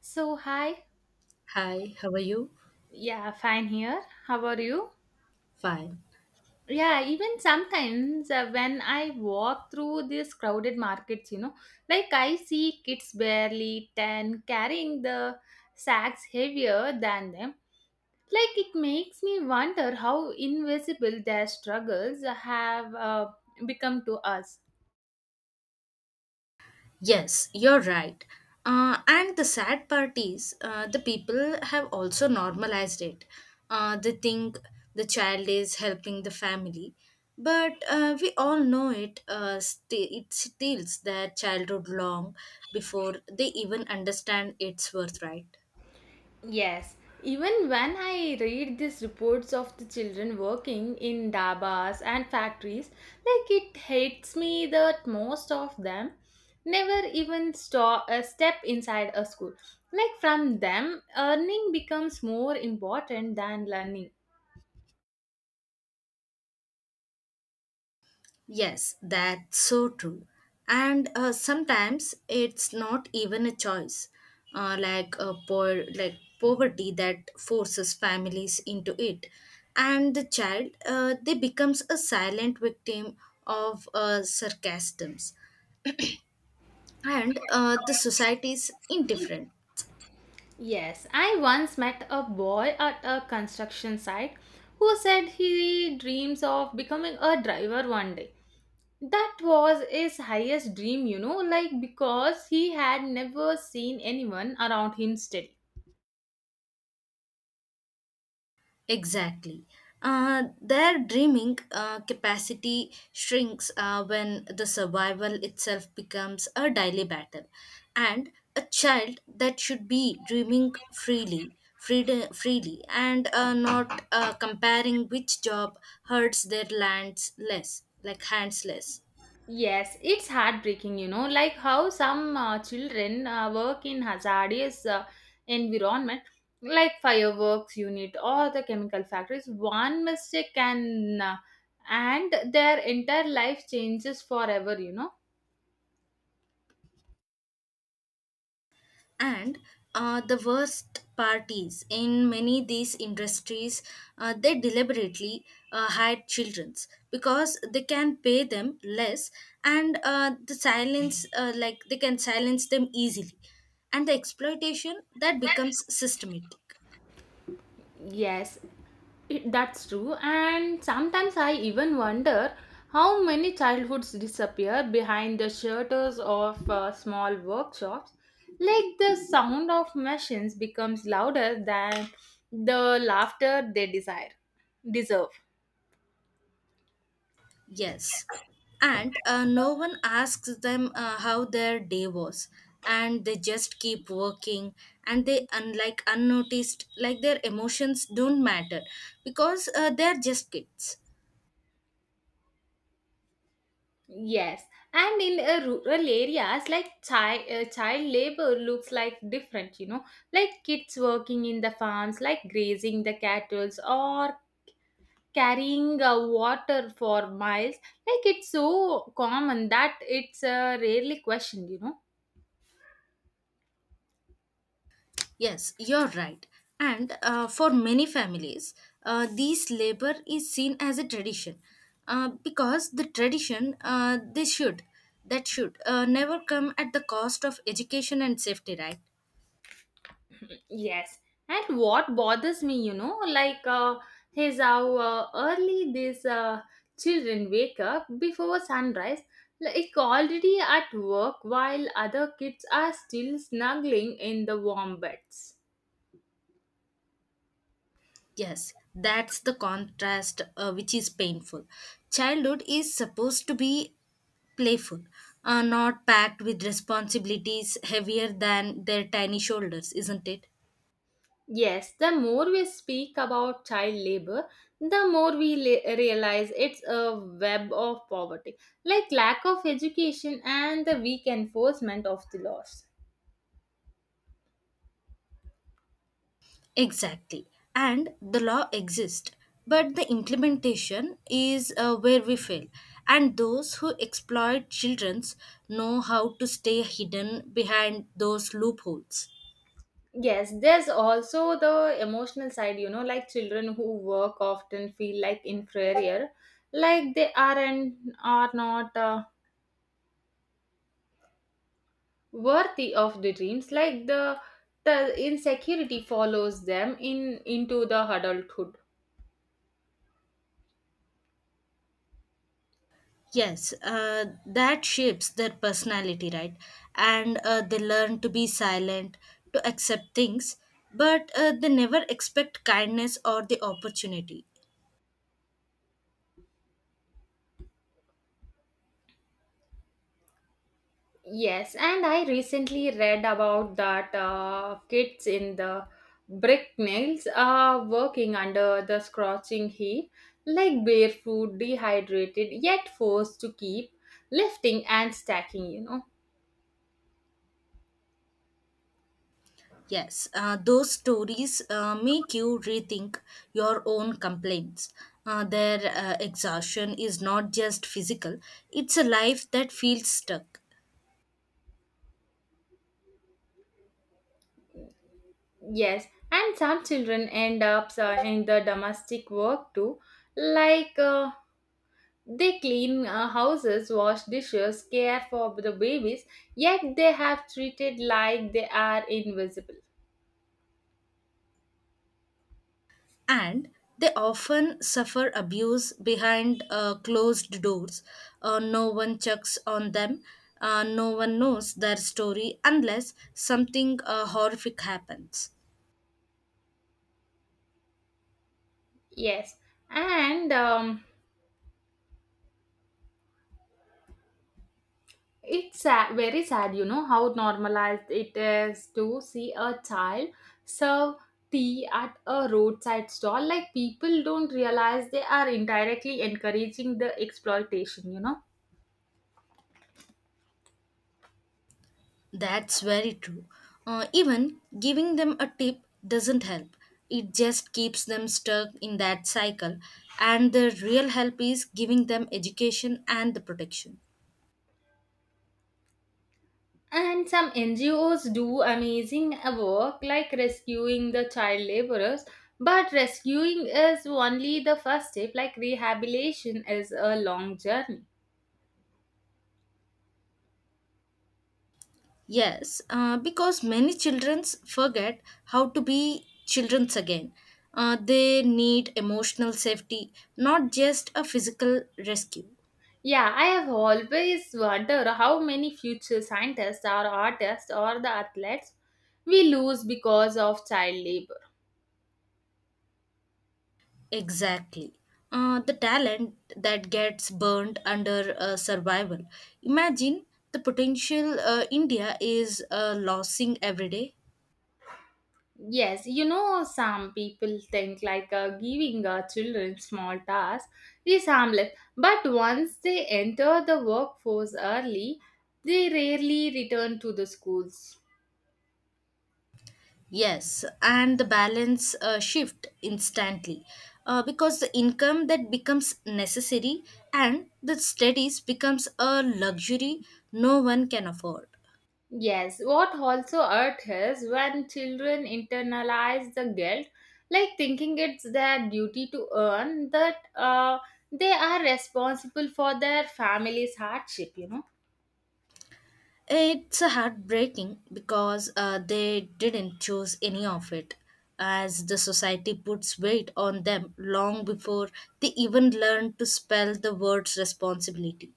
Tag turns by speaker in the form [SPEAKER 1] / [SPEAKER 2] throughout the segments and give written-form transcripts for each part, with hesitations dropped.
[SPEAKER 1] So, hi.
[SPEAKER 2] Hi, how are you?
[SPEAKER 1] Yeah, fine here. How are you?
[SPEAKER 2] Fine.
[SPEAKER 1] Yeah, even sometimes when I walk through these crowded markets, you know, like I see kids barely 10 carrying the sacks heavier than them. Like it makes me wonder how invisible their struggles have become to us.
[SPEAKER 2] Yes, you're right. And the sad part is, the people have also normalized it. They think the child is helping the family, but we all know it. It steals their childhood long before they even understand its worth, right?
[SPEAKER 1] Yes, even when I read these reports of the children working in dabas and factories, like it hits me that most of them never even step inside a school. Like from them, earning becomes more important than learning.
[SPEAKER 2] Yes, that's so true. And sometimes it's not even a choice, like a poor, like poverty that forces families into it, and the child they becomes a silent victim of sarcasms and the society's indifferent.
[SPEAKER 1] Yes, I once met a boy at a construction site who said he dreams of becoming a driver one day. That was his highest dream, you know, like because he had never seen anyone around him steady.
[SPEAKER 2] Exactly. Their dreaming capacity shrinks when the survival itself becomes a daily battle. And a child that should be dreaming freely, freely and not comparing which job hurts their lands less, like hands less.
[SPEAKER 1] Yes, it's heartbreaking, you know, like how some children work in hazardous environment like fireworks unit or the chemical factories. One mistake can and their entire life changes forever, you know.
[SPEAKER 2] And The worst part is in many these industries they deliberately hide childrens because they can pay them less and the silence like they can silence them easily and the exploitation that becomes systematic.
[SPEAKER 1] Yes, that's true. And sometimes I even wonder how many childhoods disappear behind the shutters of small workshops. Like the sound of machines becomes louder than the laughter they desire deserve.
[SPEAKER 2] Yes. And no one asks them how their day was. And they just keep working and they, unlike unnoticed, like their emotions don't matter because they're just kids.
[SPEAKER 1] Yes, and in rural areas, like child labor looks like different. You know, like kids working in the farms, like grazing the cattle, or carrying water for miles, like it's so common that it's rarely questioned, you know.
[SPEAKER 2] Yes, you're right. And for many families, this labor is seen as a tradition because the tradition they should, that should never come at the cost of education and safety, right?
[SPEAKER 1] Yes, and what bothers me, you know, like is how early these children wake up before sunrise, like already at work while other kids are still snuggling in the warm beds.
[SPEAKER 2] Yes, that's the contrast which is painful. Childhood is supposed to be playful, not packed with responsibilities heavier than their tiny shoulders, isn't it?
[SPEAKER 1] Yes, the more we speak about child labor, the more we realize it's a web of poverty, like lack of education and the weak enforcement of the laws.
[SPEAKER 2] Exactly. And the law exists, but the implementation is where we fail. And those who exploit children's know how to stay hidden behind those loopholes.
[SPEAKER 1] Yes, there's also the emotional side, you know, like children who work often feel like inferior, like they are and are not worthy of the dreams, like the insecurity follows them in into the adulthood.
[SPEAKER 2] Yes, that shapes their personality, right? And they learn to be silent, to accept things, but they never expect kindness or the opportunity.
[SPEAKER 1] Yes, and I recently read about that kids in the brick mills are working under the scorching heat, like barefoot, dehydrated, yet forced to keep lifting and stacking, you know.
[SPEAKER 2] Yes, those stories make you rethink your own complaints. Their exhaustion is not just physical, it's a life that feels stuck.
[SPEAKER 1] Yes, and some children end up in the domestic work too, like they clean houses, wash dishes, care for the babies, yet they have treated like they are invisible.
[SPEAKER 2] And they often suffer abuse behind closed doors. No one checks on them, no one knows their story unless something horrific happens.
[SPEAKER 1] Yes, and it's sad, very sad, you know, how normalized it is to see a child serve tea at a roadside stall. Like, people don't realize they are indirectly encouraging the exploitation, you know.
[SPEAKER 2] That's very true. Even giving them a tip doesn't help. It just keeps them stuck in that cycle, and the real help is giving them education and the protection.
[SPEAKER 1] And some NGOs do amazing work like rescuing the child laborers, but rescuing is only the first step, like, rehabilitation is a long journey.
[SPEAKER 2] Yes, because many children forget how to be children again. They need emotional safety, not just a physical rescue.
[SPEAKER 1] Yeah, I have always wondered how many future scientists or artists or the athletes we lose because of child labor.
[SPEAKER 2] Exactly. The talent that gets burned under survival. Imagine the potential India is losing every day.
[SPEAKER 1] Yes, you know, some people think like giving children small tasks is harmless, but once they enter the workforce early, they rarely return to the schools.
[SPEAKER 2] Yes, and the balance shift instantly because the income that becomes necessary and the studies becomes a luxury no one can afford.
[SPEAKER 1] Yes, what also hurt is when children internalize the guilt, like thinking it's their duty to earn that they are responsible for their family's hardship, you know.
[SPEAKER 2] It's a heartbreaking because they didn't choose any of it, as the society puts weight on them long before they even learn to spell the words responsibility.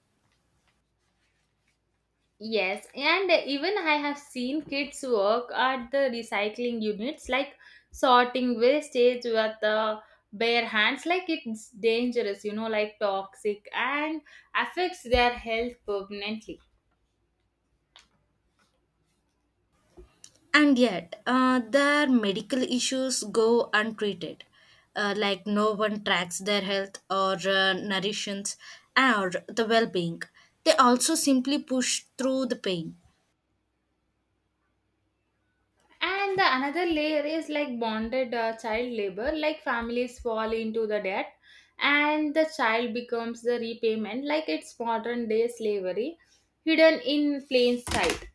[SPEAKER 1] Yes, and even I have seen kids work at the recycling units, like sorting wastage with the bare hands, like it's dangerous, you know, like toxic and affects their health permanently.
[SPEAKER 2] And yet, their medical issues go untreated. Like no one tracks their health or nourishance or the well being. They also simply push through the pain.
[SPEAKER 1] And the another layer is like bonded child labor, like families fall into the debt and the child becomes the repayment, like it's modern day slavery hidden in plain sight.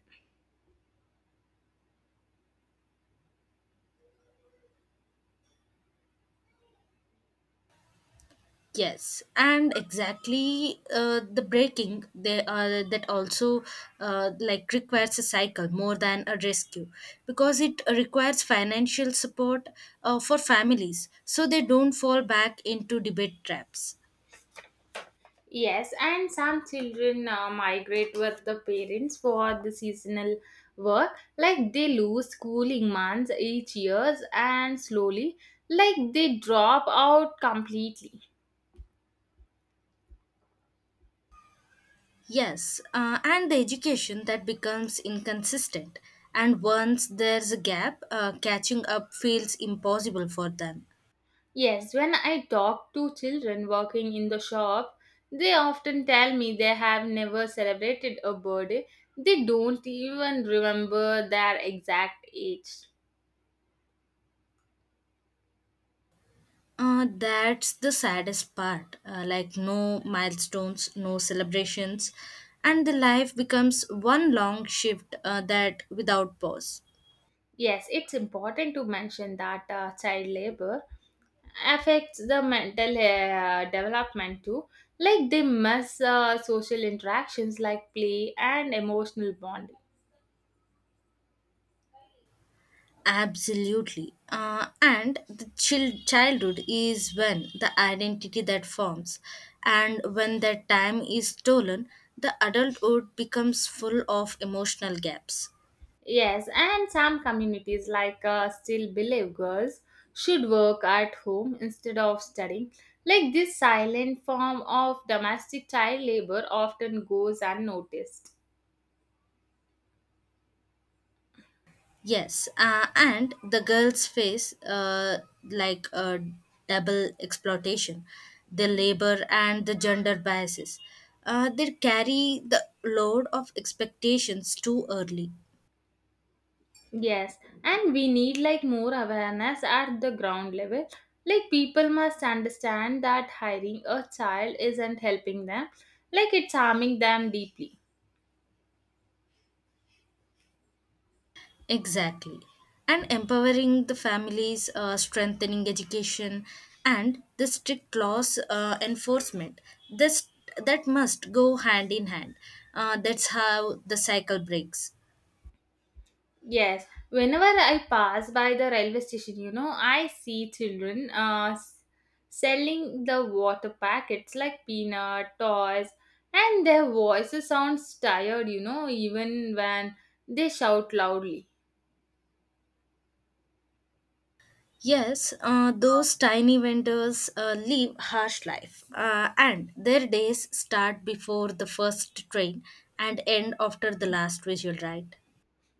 [SPEAKER 2] Yes, and exactly the breaking they, that also like requires a cycle more than a rescue because it requires financial support for families so they don't fall back into debate traps.
[SPEAKER 1] Yes, and some children migrate with the parents for the seasonal work, like they lose schooling months each years and slowly, like they drop out completely.
[SPEAKER 2] Yes, and the education that becomes inconsistent, and once there's a gap, catching up feels impossible for them.
[SPEAKER 1] Yes, when I talk to children working in the shop, they often tell me they have never celebrated a birthday. They don't even remember their exact age.
[SPEAKER 2] That's the saddest part. No milestones, no celebrations, and the life becomes one long shift that without pause.
[SPEAKER 1] Yes, it's important to mention that child labor affects the mental development too. Like they miss social interactions like play and emotional bonding.
[SPEAKER 2] Absolutely. And the childhood is when the identity that forms. And when that time is stolen, the adulthood becomes full of emotional gaps.
[SPEAKER 1] Yes, and some communities like still believe girls should work at home instead of studying. Like this silent form of domestic child labor often goes unnoticed.
[SPEAKER 2] Yes. And the girls face like a double exploitation, the labor and the gender biases. They carry the load of expectations too early.
[SPEAKER 1] Yes, and we need like more awareness at the ground level. Like people must understand that hiring a child isn't helping them, like it's harming them deeply.
[SPEAKER 2] Exactly. And empowering the families, strengthening education, and the strict laws enforcement. This, that must go hand in hand. That's how the cycle breaks.
[SPEAKER 1] Yes, whenever I pass by the railway station, you know, I see children selling the water packets like peanut, toys, and their voices sounds tired, you know, even when they shout loudly.
[SPEAKER 2] Yes, those tiny vendors live harsh life, and their days start before the first train and end after the last visual, right?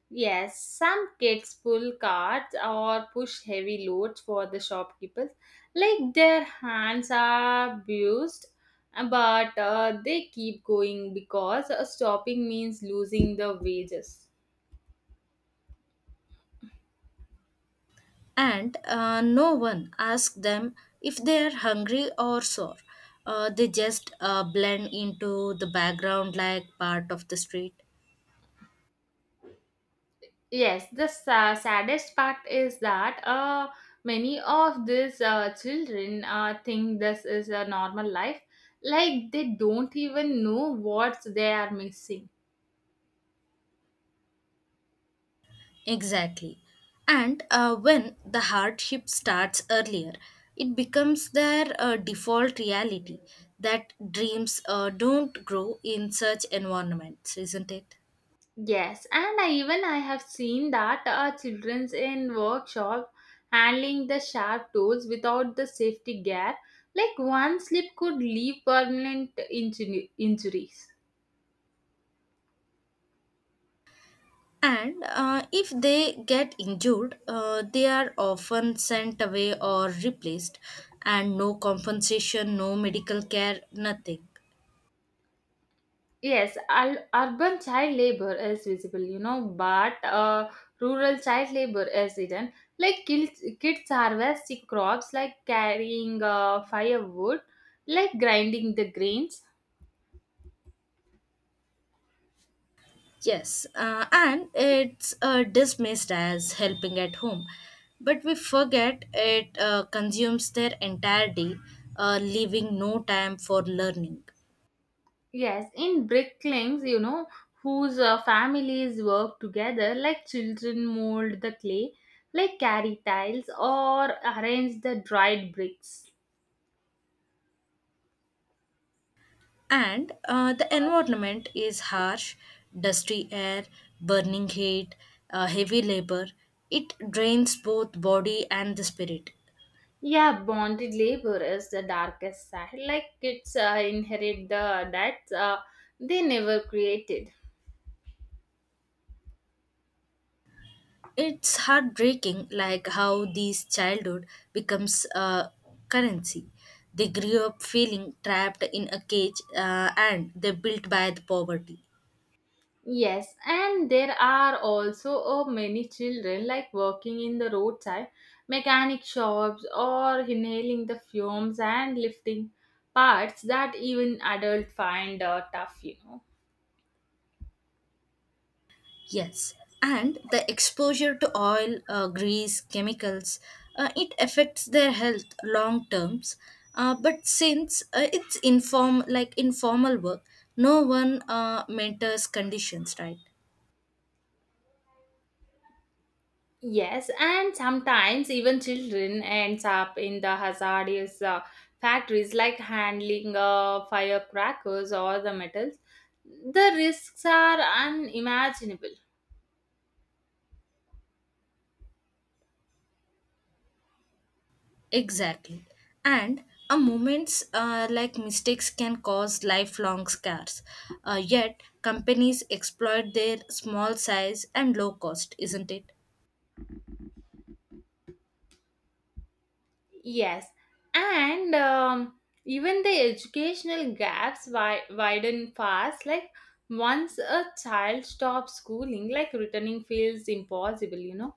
[SPEAKER 1] Yes, some kids pull carts or push heavy loads for the shopkeepers, like their hands are bruised, but they keep going because stopping means losing the wages.
[SPEAKER 2] and No one asks them if they are hungry or sore. They just blend into the background like part of the street.
[SPEAKER 1] Yes, the saddest part is that many of these children think this is a normal life, like they don't even know what they are missing.
[SPEAKER 2] Exactly. And when the hardship starts earlier, it becomes their default reality that dreams don't grow in such environments, isn't it?
[SPEAKER 1] Yes, and even I have seen that childrens in workshop handling the sharp tools without the safety gear, like one slip could leave permanent injuries.
[SPEAKER 2] And if they get injured, they are often sent away or replaced, and no compensation, no medical care, nothing.
[SPEAKER 1] Yes, urban child labor is visible, you know, but rural child labor is hidden. Like kids harvesting crops, like carrying firewood, like grinding the grains.
[SPEAKER 2] Yes, and it's dismissed as helping at home. But we forget it consumes their entire day, leaving no time for learning.
[SPEAKER 1] Yes, in bricklings, you know, whose families work together, like children mold the clay, like carry tiles or arrange the dried bricks.
[SPEAKER 2] And the environment is harsh, dusty air, burning heat, heavy labor. It drains both body and the spirit.
[SPEAKER 1] Yeah, bonded labor is the darkest side. Like kids inherit the debts they never created.
[SPEAKER 2] It's heartbreaking, like how these childhood becomes currency. They grew up feeling trapped in a cage and they built by the poverty.
[SPEAKER 1] Yes, and there are also many children like working in the roadside, mechanic shops, or inhaling the fumes and lifting parts that even adults find tough, you know.
[SPEAKER 2] Yes, and the exposure to oil, grease, chemicals, it affects their health long terms. But since it's inform like informal work, no one mentors conditions, right?
[SPEAKER 1] Yes, and sometimes even children ends up in the hazardous factories like handling firecrackers or the metals. The risks are unimaginable.
[SPEAKER 2] Exactly, and a moment's like mistakes can cause lifelong scars. Yet companies exploit their small size and low cost, isn't it?
[SPEAKER 1] Yes, and even the educational gaps widen fast. Like once a child stops schooling, like returning feels impossible. You know.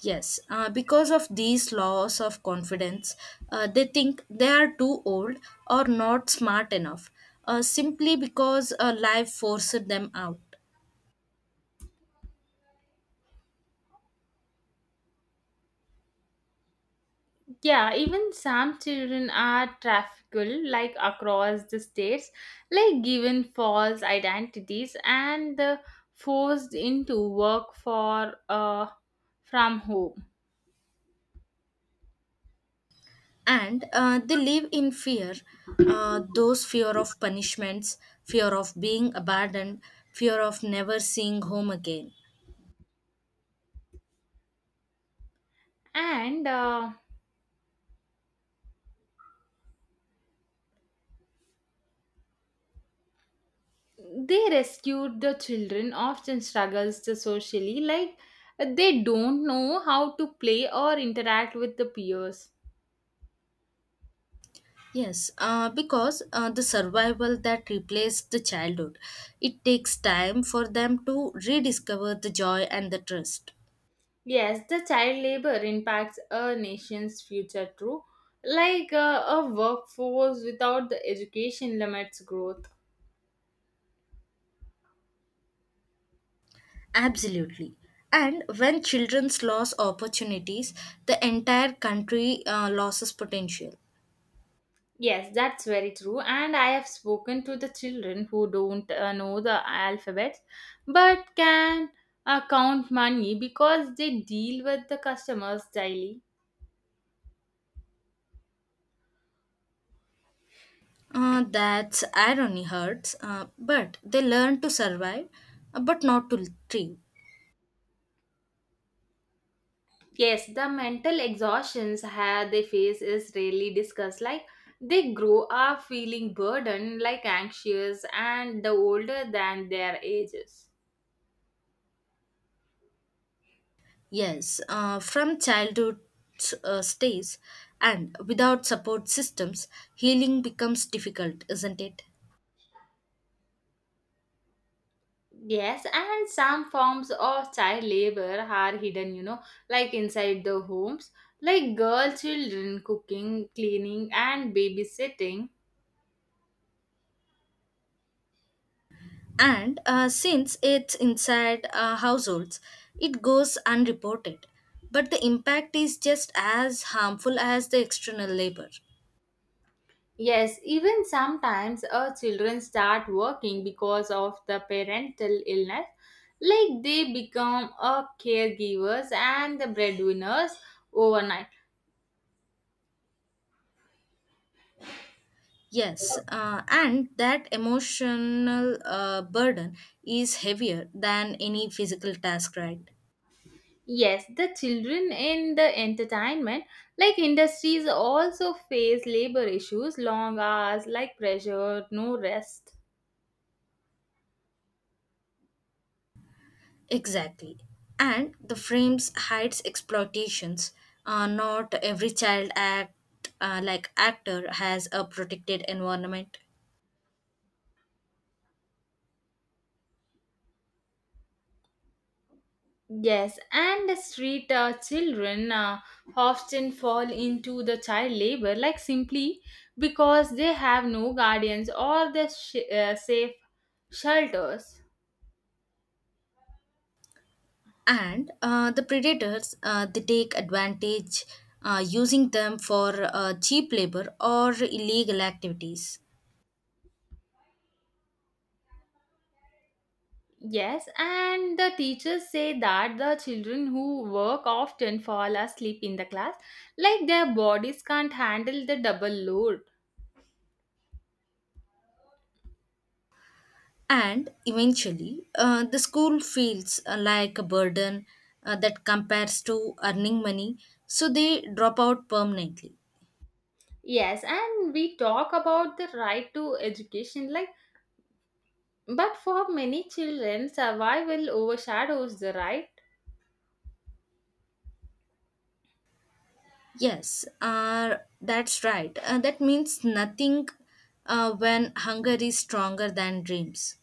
[SPEAKER 2] Yes, because of these loss of confidence, they think they are too old or not smart enough, simply because life forced them out.
[SPEAKER 1] Yeah, even some children are trafficked like across the states, like given false identities and forced into work for from home.
[SPEAKER 2] And they live in fear, those fear of punishments, fear of being abandoned, fear of never seeing home again.
[SPEAKER 1] And they rescued the children often struggles to socially, like they don't know how to play or interact with the peers.
[SPEAKER 2] Yes, because the survival that replaced the childhood, it takes time for them to rediscover the joy and the trust.
[SPEAKER 1] Yes, the child labor impacts a nation's future too. Like a workforce without the education limits growth.
[SPEAKER 2] Absolutely. And when children's lose opportunities, the entire country loses potential.
[SPEAKER 1] Yes, that's very true. And I have spoken to the children who don't know the alphabet but can count money because they deal with the customers daily.
[SPEAKER 2] That's irony hurts, but they learn to survive, but not to thrive.
[SPEAKER 1] Yes, the mental exhaustions they face is rarely discussed. Like they grow up feeling burdened, like anxious, and the older than their ages.
[SPEAKER 2] Yes, from childhood stays, and without support systems, healing becomes difficult, isn't it?
[SPEAKER 1] Yes, and some forms of child labor are hidden, you know, like inside the homes, like girl children cooking, cleaning, and babysitting.
[SPEAKER 2] And since it's inside households, it goes unreported. But the impact is just as harmful as the external labor.
[SPEAKER 1] Yes, even sometimes our children start working because of the parental illness, like they become a caregivers and the breadwinners overnight.
[SPEAKER 2] Yes, and that emotional burden is heavier than any physical task, right?
[SPEAKER 1] Yes, the children in the entertainment like industries also face labor issues, long hours, like pressure, no rest.
[SPEAKER 2] Exactly. And the frames hides exploitations. Not every child act like actor has a protected environment.
[SPEAKER 1] Yes, and the street children often fall into the child labor, like simply because they have no guardians or the safe shelters.
[SPEAKER 2] And The predators they take advantage using them for cheap labor or illegal activities.
[SPEAKER 1] Yes, and the teachers say that the children who work often fall asleep in the class, like their bodies can't handle the double load.
[SPEAKER 2] And eventually the school feels like a burden that compares to earning money so they drop out permanently.
[SPEAKER 1] Yes, and we talk about the right to education, like, but for many children, survival overshadows the right.
[SPEAKER 2] yes uh, that's right that means nothing when hunger is stronger than dreams.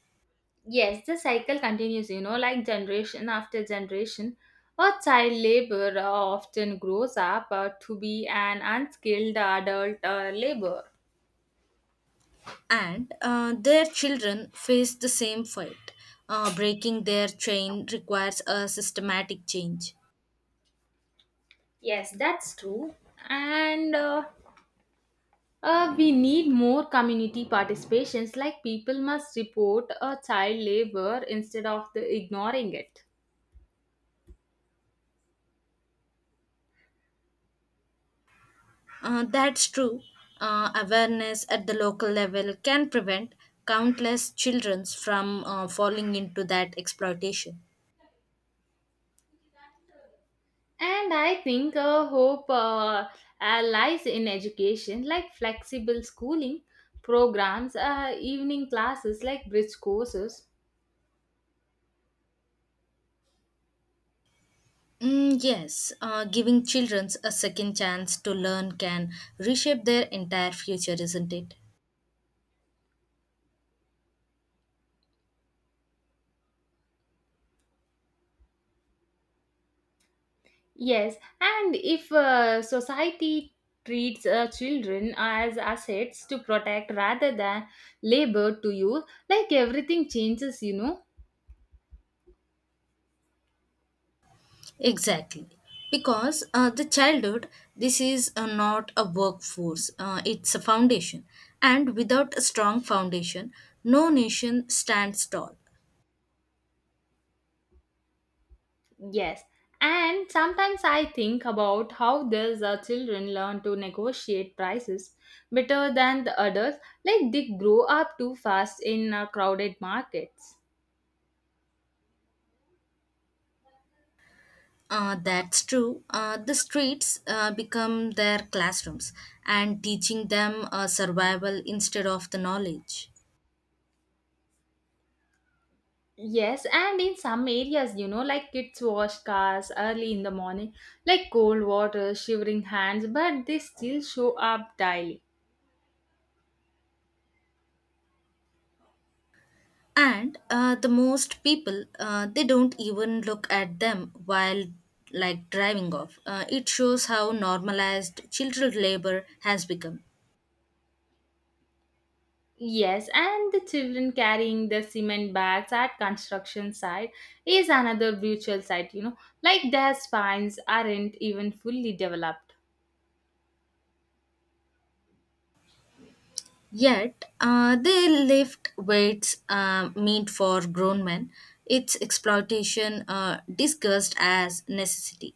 [SPEAKER 1] Yes, the cycle continues, you know, like generation after generation. A child labor often grows up to be an unskilled adult labor.
[SPEAKER 2] And Their children face the same fate. Breaking their chain requires a systematic change.
[SPEAKER 1] Yes, that's true. And we need more community participations, like people must report a child labor instead of the ignoring it.
[SPEAKER 2] That's true. Awareness at the local level can prevent countless children from falling into that exploitation.
[SPEAKER 1] And I think hope lies in education, like flexible schooling programs, evening classes, like bridge courses.
[SPEAKER 2] Mm, yes, giving children a second chance to learn can reshape their entire future, isn't it?
[SPEAKER 1] Yes, and if society treats children as assets to protect rather than labor to use, like everything changes, you know.
[SPEAKER 2] Exactly. Because the childhood, this is not a workforce, it's a foundation. And without a strong foundation, no nation stands tall.
[SPEAKER 1] Yes, and sometimes I think about how these children learn to negotiate prices better than the others, like they grow up too fast in crowded markets.
[SPEAKER 2] That's true. The streets become their classrooms and teaching them survival instead of the knowledge.
[SPEAKER 1] Yes, and in some areas, you know, like kids wash cars early in the morning, like cold water, shivering hands, but they still show up daily.
[SPEAKER 2] And the most people, they don't even look at them while like driving off. It shows how normalized children labor has become.
[SPEAKER 1] Yes, and the children carrying the cement bags at construction site is another brutal sight, you know, like their spines aren't even fully developed.
[SPEAKER 2] Yet, they lift weights meant for grown men. Its exploitation discussed as necessity.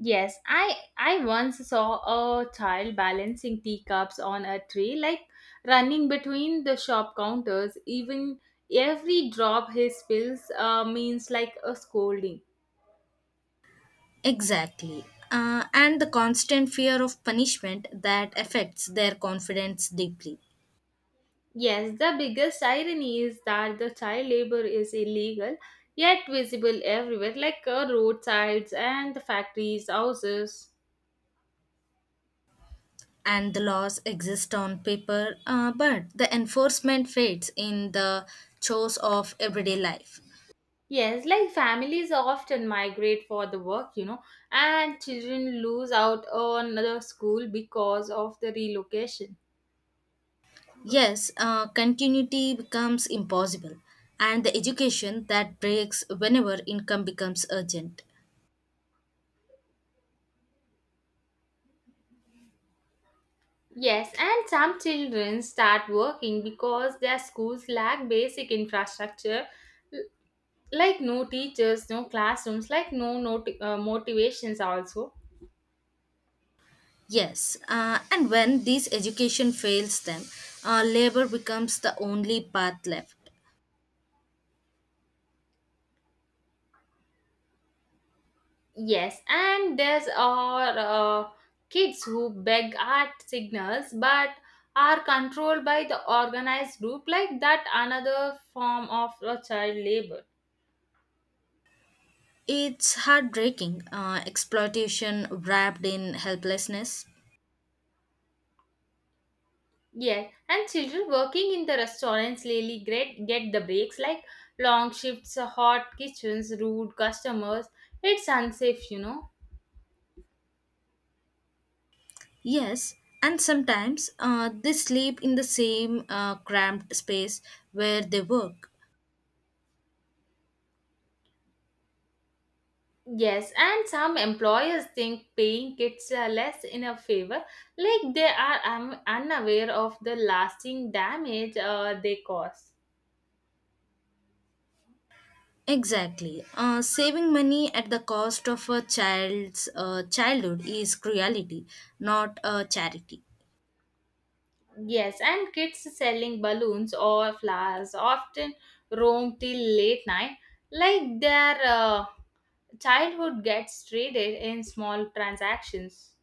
[SPEAKER 1] Yes, I once saw a child balancing teacups on a tray, like running between the shop counters. Even every drop he spills means like a scolding.
[SPEAKER 2] Exactly. And the constant fear of punishment that affects their confidence deeply.
[SPEAKER 1] Yes, the biggest irony is that the child labor is illegal yet visible everywhere, like roadsides and the factories, houses.
[SPEAKER 2] And the laws exist on paper, but the enforcement fades in the chores of everyday life.
[SPEAKER 1] Yes, like families often migrate for the work, you know, and children lose out on the school because of the relocation.
[SPEAKER 2] Yes, continuity becomes impossible, and the education that breaks whenever income becomes urgent.
[SPEAKER 1] Yes, and some children start working because their schools lack basic infrastructure, l- like no teachers, no classrooms, like no motivations, also.
[SPEAKER 2] Yes, and when this education fails them, labor becomes the only path left.
[SPEAKER 1] Yes, and there's are kids who beg art signals but are controlled by the organized group like that another form of child labor.
[SPEAKER 2] It's heartbreaking, exploitation wrapped in helplessness.
[SPEAKER 1] Yes, and children working in the restaurants really great get the breaks like long shifts, hot kitchens, rude customers. It's unsafe.
[SPEAKER 2] Yes, and sometimes they sleep in the same cramped space where they work.
[SPEAKER 1] Yes, and some employers think paying kids less in a favor, like they are unaware of the lasting damage they cause.
[SPEAKER 2] Exactly. Saving money at the cost of a child's childhood is cruelty, not a charity.
[SPEAKER 1] Yes, and kids selling balloons or flowers often roam till late night, like their childhood gets traded in small transactions.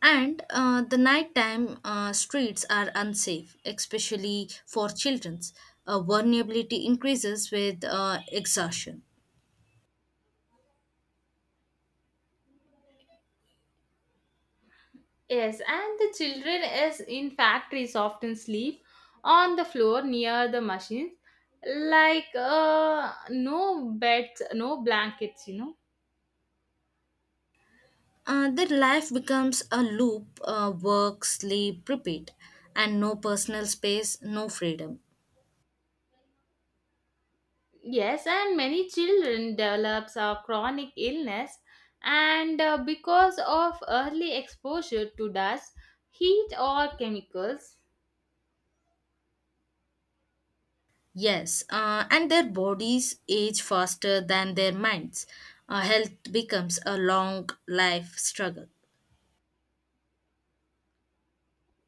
[SPEAKER 2] And the nighttime streets are unsafe, especially for children. Vulnerability increases with exhaustion.
[SPEAKER 1] Yes, and the children is in factories often sleep on the floor near the machines, like no beds, no blankets.
[SPEAKER 2] Their life becomes a loop work, sleep, repeat, and no personal space, no freedom.
[SPEAKER 1] Yes, and many children develops a chronic illness, and because of early exposure to dust, heat, or chemicals.
[SPEAKER 2] Yes, and their bodies age faster than their minds. Health becomes a long life struggle.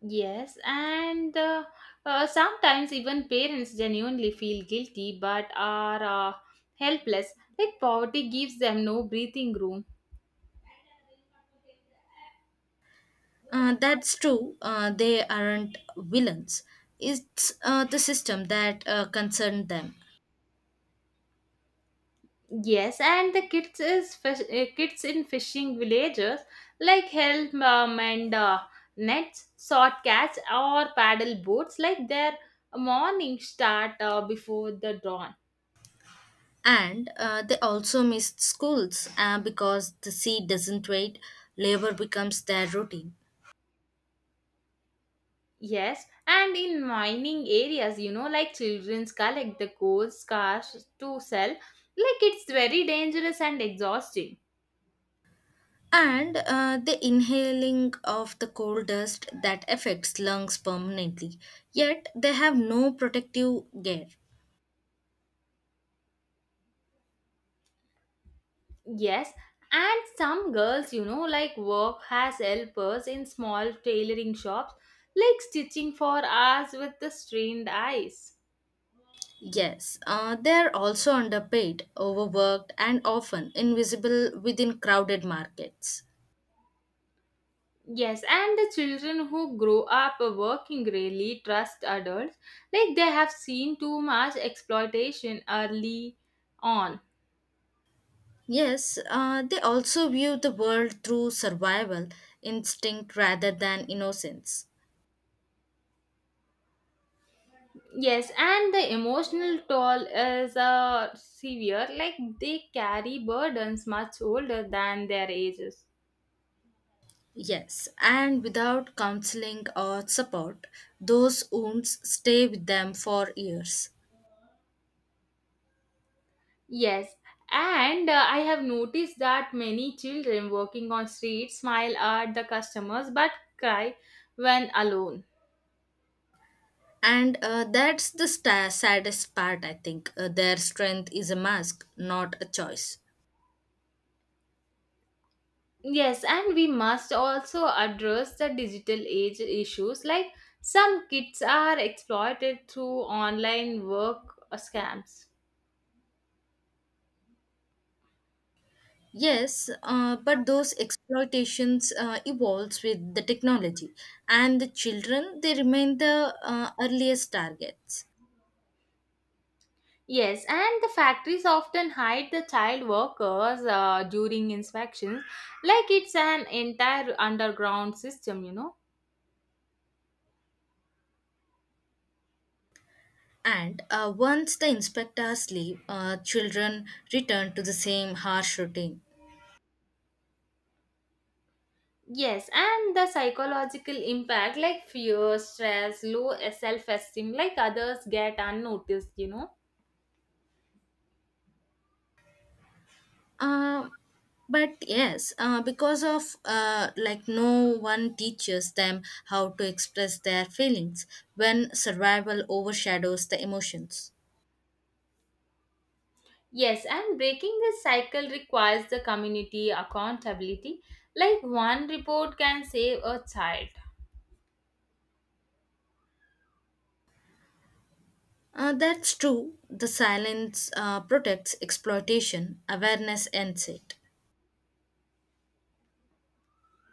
[SPEAKER 1] Yes, and sometimes even parents genuinely feel guilty but are uh, helpless. Like poverty gives them no breathing room.
[SPEAKER 2] That's true. They aren't villains. It's the system that concerned them.
[SPEAKER 1] Yes, and the kids in fishing villages like help and nets, short catch or paddle boats. Like their morning start before the dawn.
[SPEAKER 2] And they also missed schools because the sea doesn't wait, labor becomes their routine.
[SPEAKER 1] Yes, and in mining areas, like childrens collect the gold scars to sell, like it's very dangerous and exhausting.
[SPEAKER 2] And the inhaling of the coal dust that affects lungs permanently. Yet they have no protective gear.
[SPEAKER 1] Yes, and some girls, like work as helpers in small tailoring shops, like stitching for hours with the strained eyes.
[SPEAKER 2] Yes, they are also underpaid, overworked, and often invisible within crowded markets.
[SPEAKER 1] Yes, and the children who grow up working really trust adults, like they have seen too much exploitation early on.
[SPEAKER 2] Yes, they also view the world through survival instinct rather than innocence.
[SPEAKER 1] Yes, and the emotional toll is severe, like they carry burdens much older than their ages.
[SPEAKER 2] Yes, and without counseling or support, those wounds stay with them for years.
[SPEAKER 1] Yes, and I have noticed that many children working on streets smile at the customers but cry when alone.
[SPEAKER 2] And that's the sta saddest part, I think. Their strength is a mask, not a choice.
[SPEAKER 1] Yes, and we must also address the digital age issues, like some kids are exploited through online work scams.
[SPEAKER 2] Yes, but those exploitations evolves with the technology, and the children they remain the earliest targets.
[SPEAKER 1] Yes, and the factories often hide the child workers during inspections, like it's an entire underground system.
[SPEAKER 2] And once the inspectors leave, children return to the same harsh routine.
[SPEAKER 1] Yes, and the psychological impact, like fear, stress, low self esteem, like others get unnoticed.
[SPEAKER 2] Uh, but yes, because of like no one teaches them how to express their feelings when survival overshadows the emotions.
[SPEAKER 1] Yes, and breaking this cycle requires the community accountability, like one report can save a child.
[SPEAKER 2] That's true. The silence protects exploitation. Awareness ends it.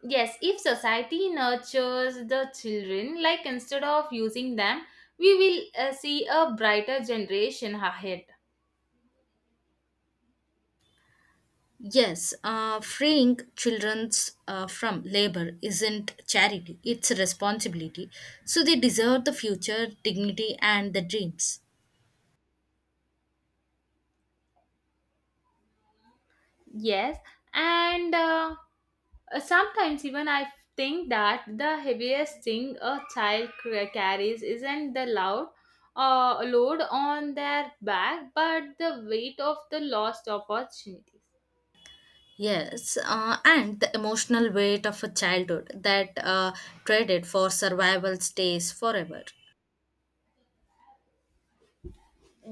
[SPEAKER 1] Yes, if society nurtures the children, like instead of using them, we will see a brighter generation ahead.
[SPEAKER 2] Yes, freeing children from labor isn't charity, it's a responsibility. So they deserve the future, dignity, and the dreams.
[SPEAKER 1] Yes, and sometimes even I think that the heaviest thing a child carries isn't the loud load on their back, but the weight of the lost opportunities.
[SPEAKER 2] Yes, and the emotional weight of a childhood that traded for survival stays forever.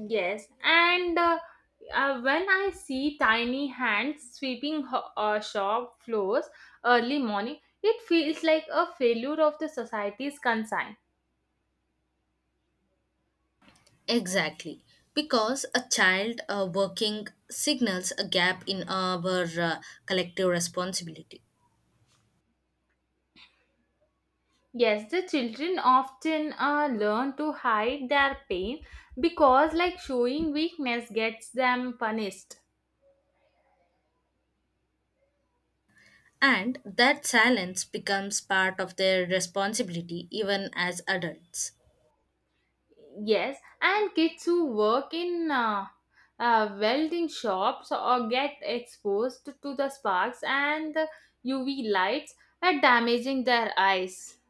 [SPEAKER 1] Yes, and when I see tiny hands sweeping shop floors early morning, it feels like a failure of the society's concern.
[SPEAKER 2] Exactly, because a child working signals a gap in our collective responsibility.
[SPEAKER 1] Yes, the children often learn to hide their pain because, like, showing weakness gets them punished.
[SPEAKER 2] And that silence becomes part of their responsibility even as adults.
[SPEAKER 1] Yes, and kids who work in welding shops or get exposed to the sparks and the UV lights are damaging their eyes.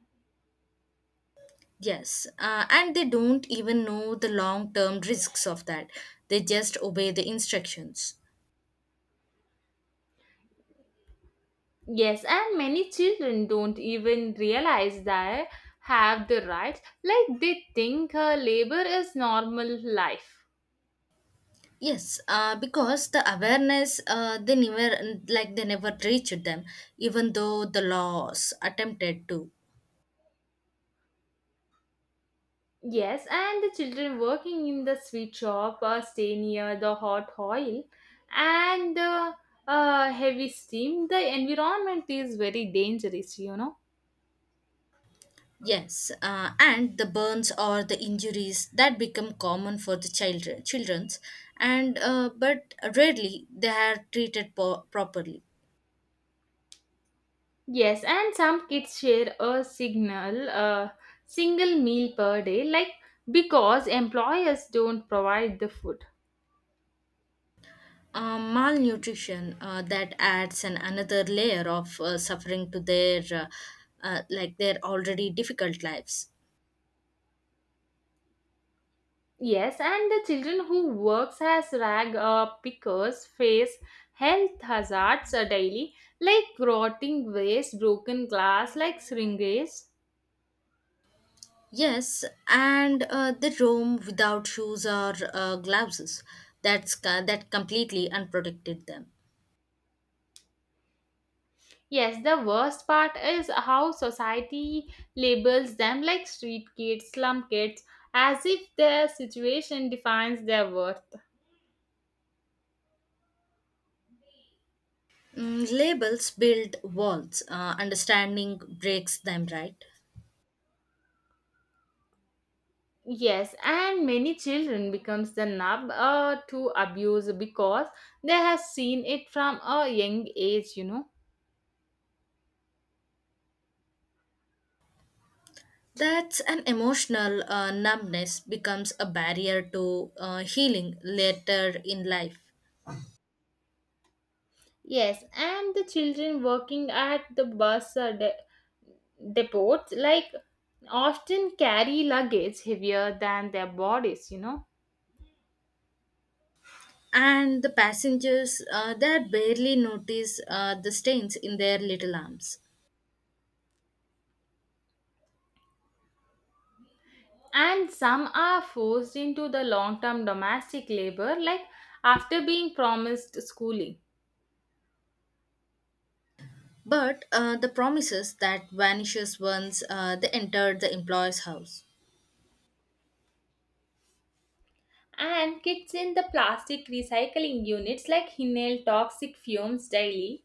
[SPEAKER 2] Yes, and they don't even know the long term risks of that. They just obey the instructions.
[SPEAKER 1] Yes, and many children don't even realize they have the rights, like they think labor is normal life.
[SPEAKER 2] Yes, because the awareness they never like they never reached them, even though the laws attempted to.
[SPEAKER 1] Yes, and the children working in the sweet shop stay near the hot oil and heavy steam. The environment is very dangerous.
[SPEAKER 2] Yes, and the burns or the injuries that become common for the children, children's, and but rarely they are treated properly.
[SPEAKER 1] Yes, and some kids share a single meal per day, like because employers don't provide the food.
[SPEAKER 2] Malnutrition that adds an another layer of suffering to their like their already difficult lives.
[SPEAKER 1] Yes, and the children who works as rag pickers face health hazards daily, like rotting waste, broken glass, like syringes.
[SPEAKER 2] Yes, and they roam without shoes or gloves. That completely unprotected them.
[SPEAKER 1] Yes, the worst part is how society labels them like street kids, slum kids, as if their situation defines their worth.
[SPEAKER 2] Mm, labels build walls, understanding breaks them, right?
[SPEAKER 1] Yes, and many children becomes the nub to abuse because they have seen it from a young age.
[SPEAKER 2] That's an emotional numbness becomes a barrier to healing later in life.
[SPEAKER 1] Yes, and the children working at the bus depots like often carry luggage heavier than their bodies.
[SPEAKER 2] And the passengers, they barely notice the stains in their little arms.
[SPEAKER 1] And some are forced into the long-term domestic labor like after being promised schooling.
[SPEAKER 2] But the promises that vanishes once they entered the employer's house.
[SPEAKER 1] And kids in the plastic recycling units like inhale toxic fumes daily.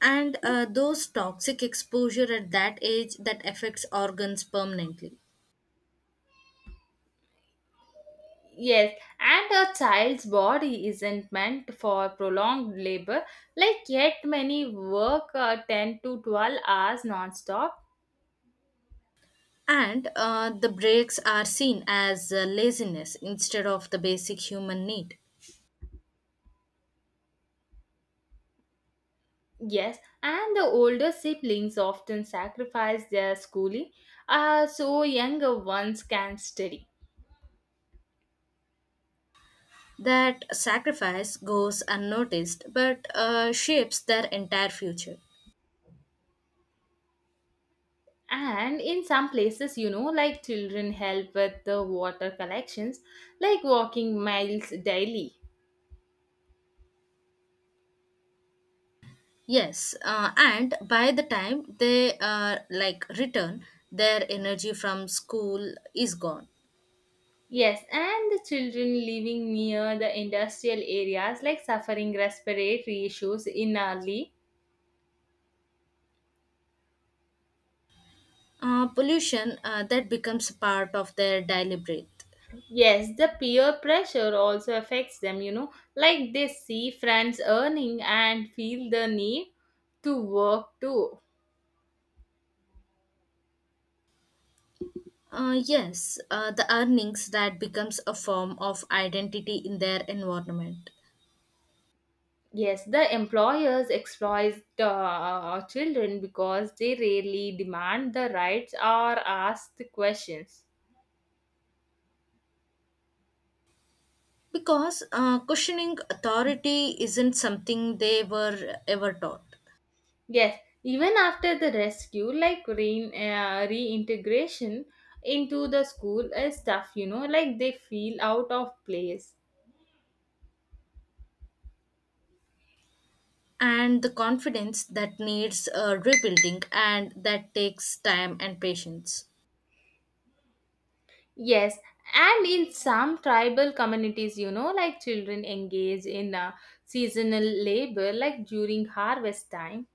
[SPEAKER 2] And those toxic exposure at that age that affects organs permanently.
[SPEAKER 1] Yes, and a child's body isn't meant for prolonged labor, like yet many work 10 to 12 hours non-stop.
[SPEAKER 2] And the breaks are seen as laziness instead of the basic human need.
[SPEAKER 1] Yes, and the older siblings often sacrifice their schooling so younger ones can study.
[SPEAKER 2] That sacrifice goes unnoticed but shapes their entire future.
[SPEAKER 1] And in some places, like children help with the water collections, like walking miles daily.
[SPEAKER 2] Yes, and by the time they like return, their energy from school is gone.
[SPEAKER 1] Yes, and the children living near the industrial areas like suffering respiratory issues in early.
[SPEAKER 2] Pollution that becomes part of their daily breath.
[SPEAKER 1] Yes, the peer pressure also affects them, like they see friends earning and feel the need to work too.
[SPEAKER 2] Yes, the earnings that becomes a form of identity in their environment.
[SPEAKER 1] Yes, the employers exploit the children because they rarely demand the rights or ask the questions.
[SPEAKER 2] Because questioning authority isn't something they were ever taught.
[SPEAKER 1] Yes, even after the rescue, like reintegration into the school is tough, like they feel out of place.
[SPEAKER 2] And the confidence that needs rebuilding and that takes time and patience.
[SPEAKER 1] Yes, and in some tribal communities, like children engage in seasonal labor, like during harvest time.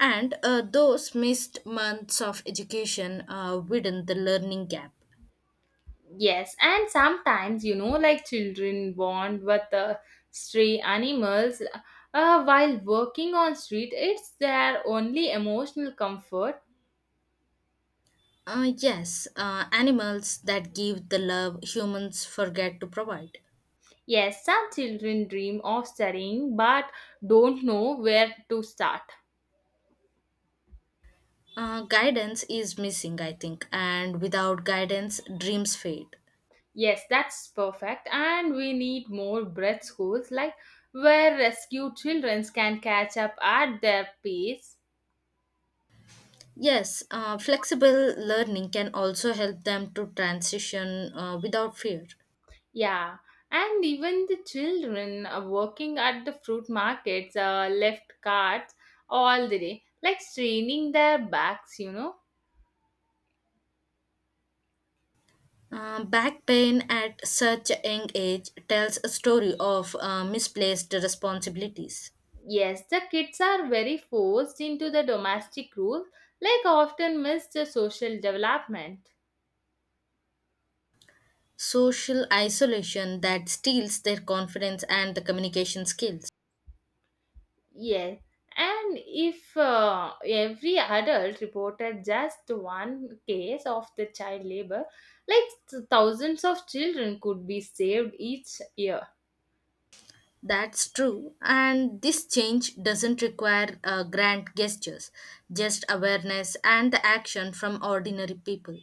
[SPEAKER 2] And those missed months of education widen the learning gap.
[SPEAKER 1] Yes, and sometimes, like children bond with stray animals while working on street, it's their only emotional comfort.
[SPEAKER 2] Yes, animals that give the love humans forget to provide.
[SPEAKER 1] Yes, some children dream of studying but don't know where to start.
[SPEAKER 2] Guidance is missing, I think, and without guidance, dreams fade.
[SPEAKER 1] Yes, that's perfect. And we need more breadth schools like where rescued children can catch up at their pace.
[SPEAKER 2] Yes, flexible learning can also help them to transition without fear.
[SPEAKER 1] Yeah, and even the children working at the fruit markets left carts all the day, like straining their backs.
[SPEAKER 2] Back pain at such a young age tells a story of misplaced responsibilities,
[SPEAKER 1] Yes, the kids are very forced into the domestic rules, like often miss the social development.
[SPEAKER 2] social isolation that steals their confidence and the communication skills.
[SPEAKER 1] Yes, and if every adult reported just one case of the child labor, like thousands of children could be saved each year.
[SPEAKER 2] That's true, and this change doesn't require grand gestures, just awareness and the action from ordinary people.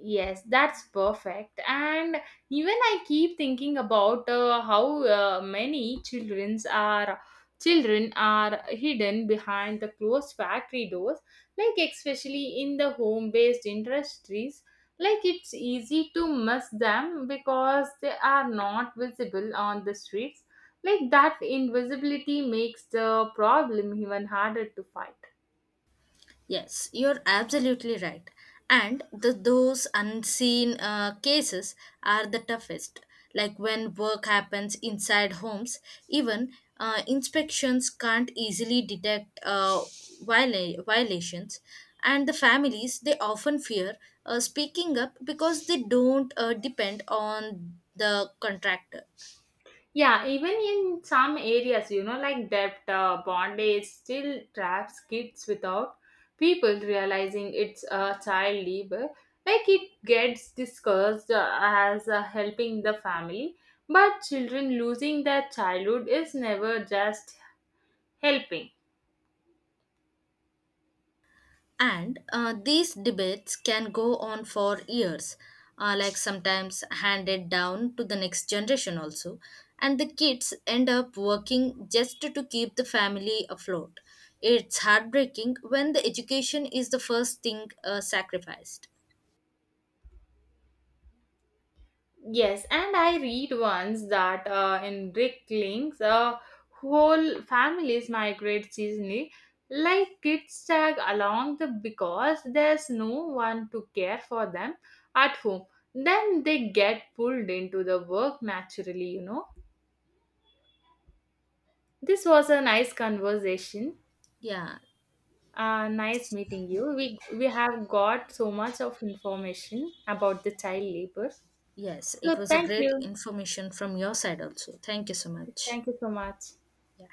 [SPEAKER 1] Yes, that's perfect. And even I keep thinking about how many children are hidden behind the closed factory doors, like especially in the home-based industries. Like it's easy to miss them because they are not visible on the streets. Like that invisibility makes the problem even harder to fight.
[SPEAKER 2] Yes, you're absolutely right. And those unseen cases are the toughest. Like when work happens inside homes, even inspections can't easily detect violations. And the families, they often fear speaking up because they don't depend on the contractor.
[SPEAKER 1] Yeah, even in some areas, like debt, bondage still traps kids without people realizing it's a child labor. Like it gets discussed as helping the family, but children losing their childhood is never just helping.
[SPEAKER 2] And these debates can go on for years, like sometimes handed down to the next generation also. And the kids end up working just to keep the family afloat. It's heartbreaking when the education is the first thing sacrificed.
[SPEAKER 1] Yes, and I read once that in Rick Links, whole families migrate seasonally, like kids tag along the because there's no one to care for them at home. Then they get pulled into the work naturally. This was a nice conversation.
[SPEAKER 2] Yeah,
[SPEAKER 1] Nice meeting you. We have got so much of information about the child labor.
[SPEAKER 2] yes,
[SPEAKER 1] So
[SPEAKER 2] it was a
[SPEAKER 1] thank
[SPEAKER 2] great
[SPEAKER 1] you.
[SPEAKER 2] information from your side also. Thank you so much.
[SPEAKER 1] Thank you so much.
[SPEAKER 2] Yeah.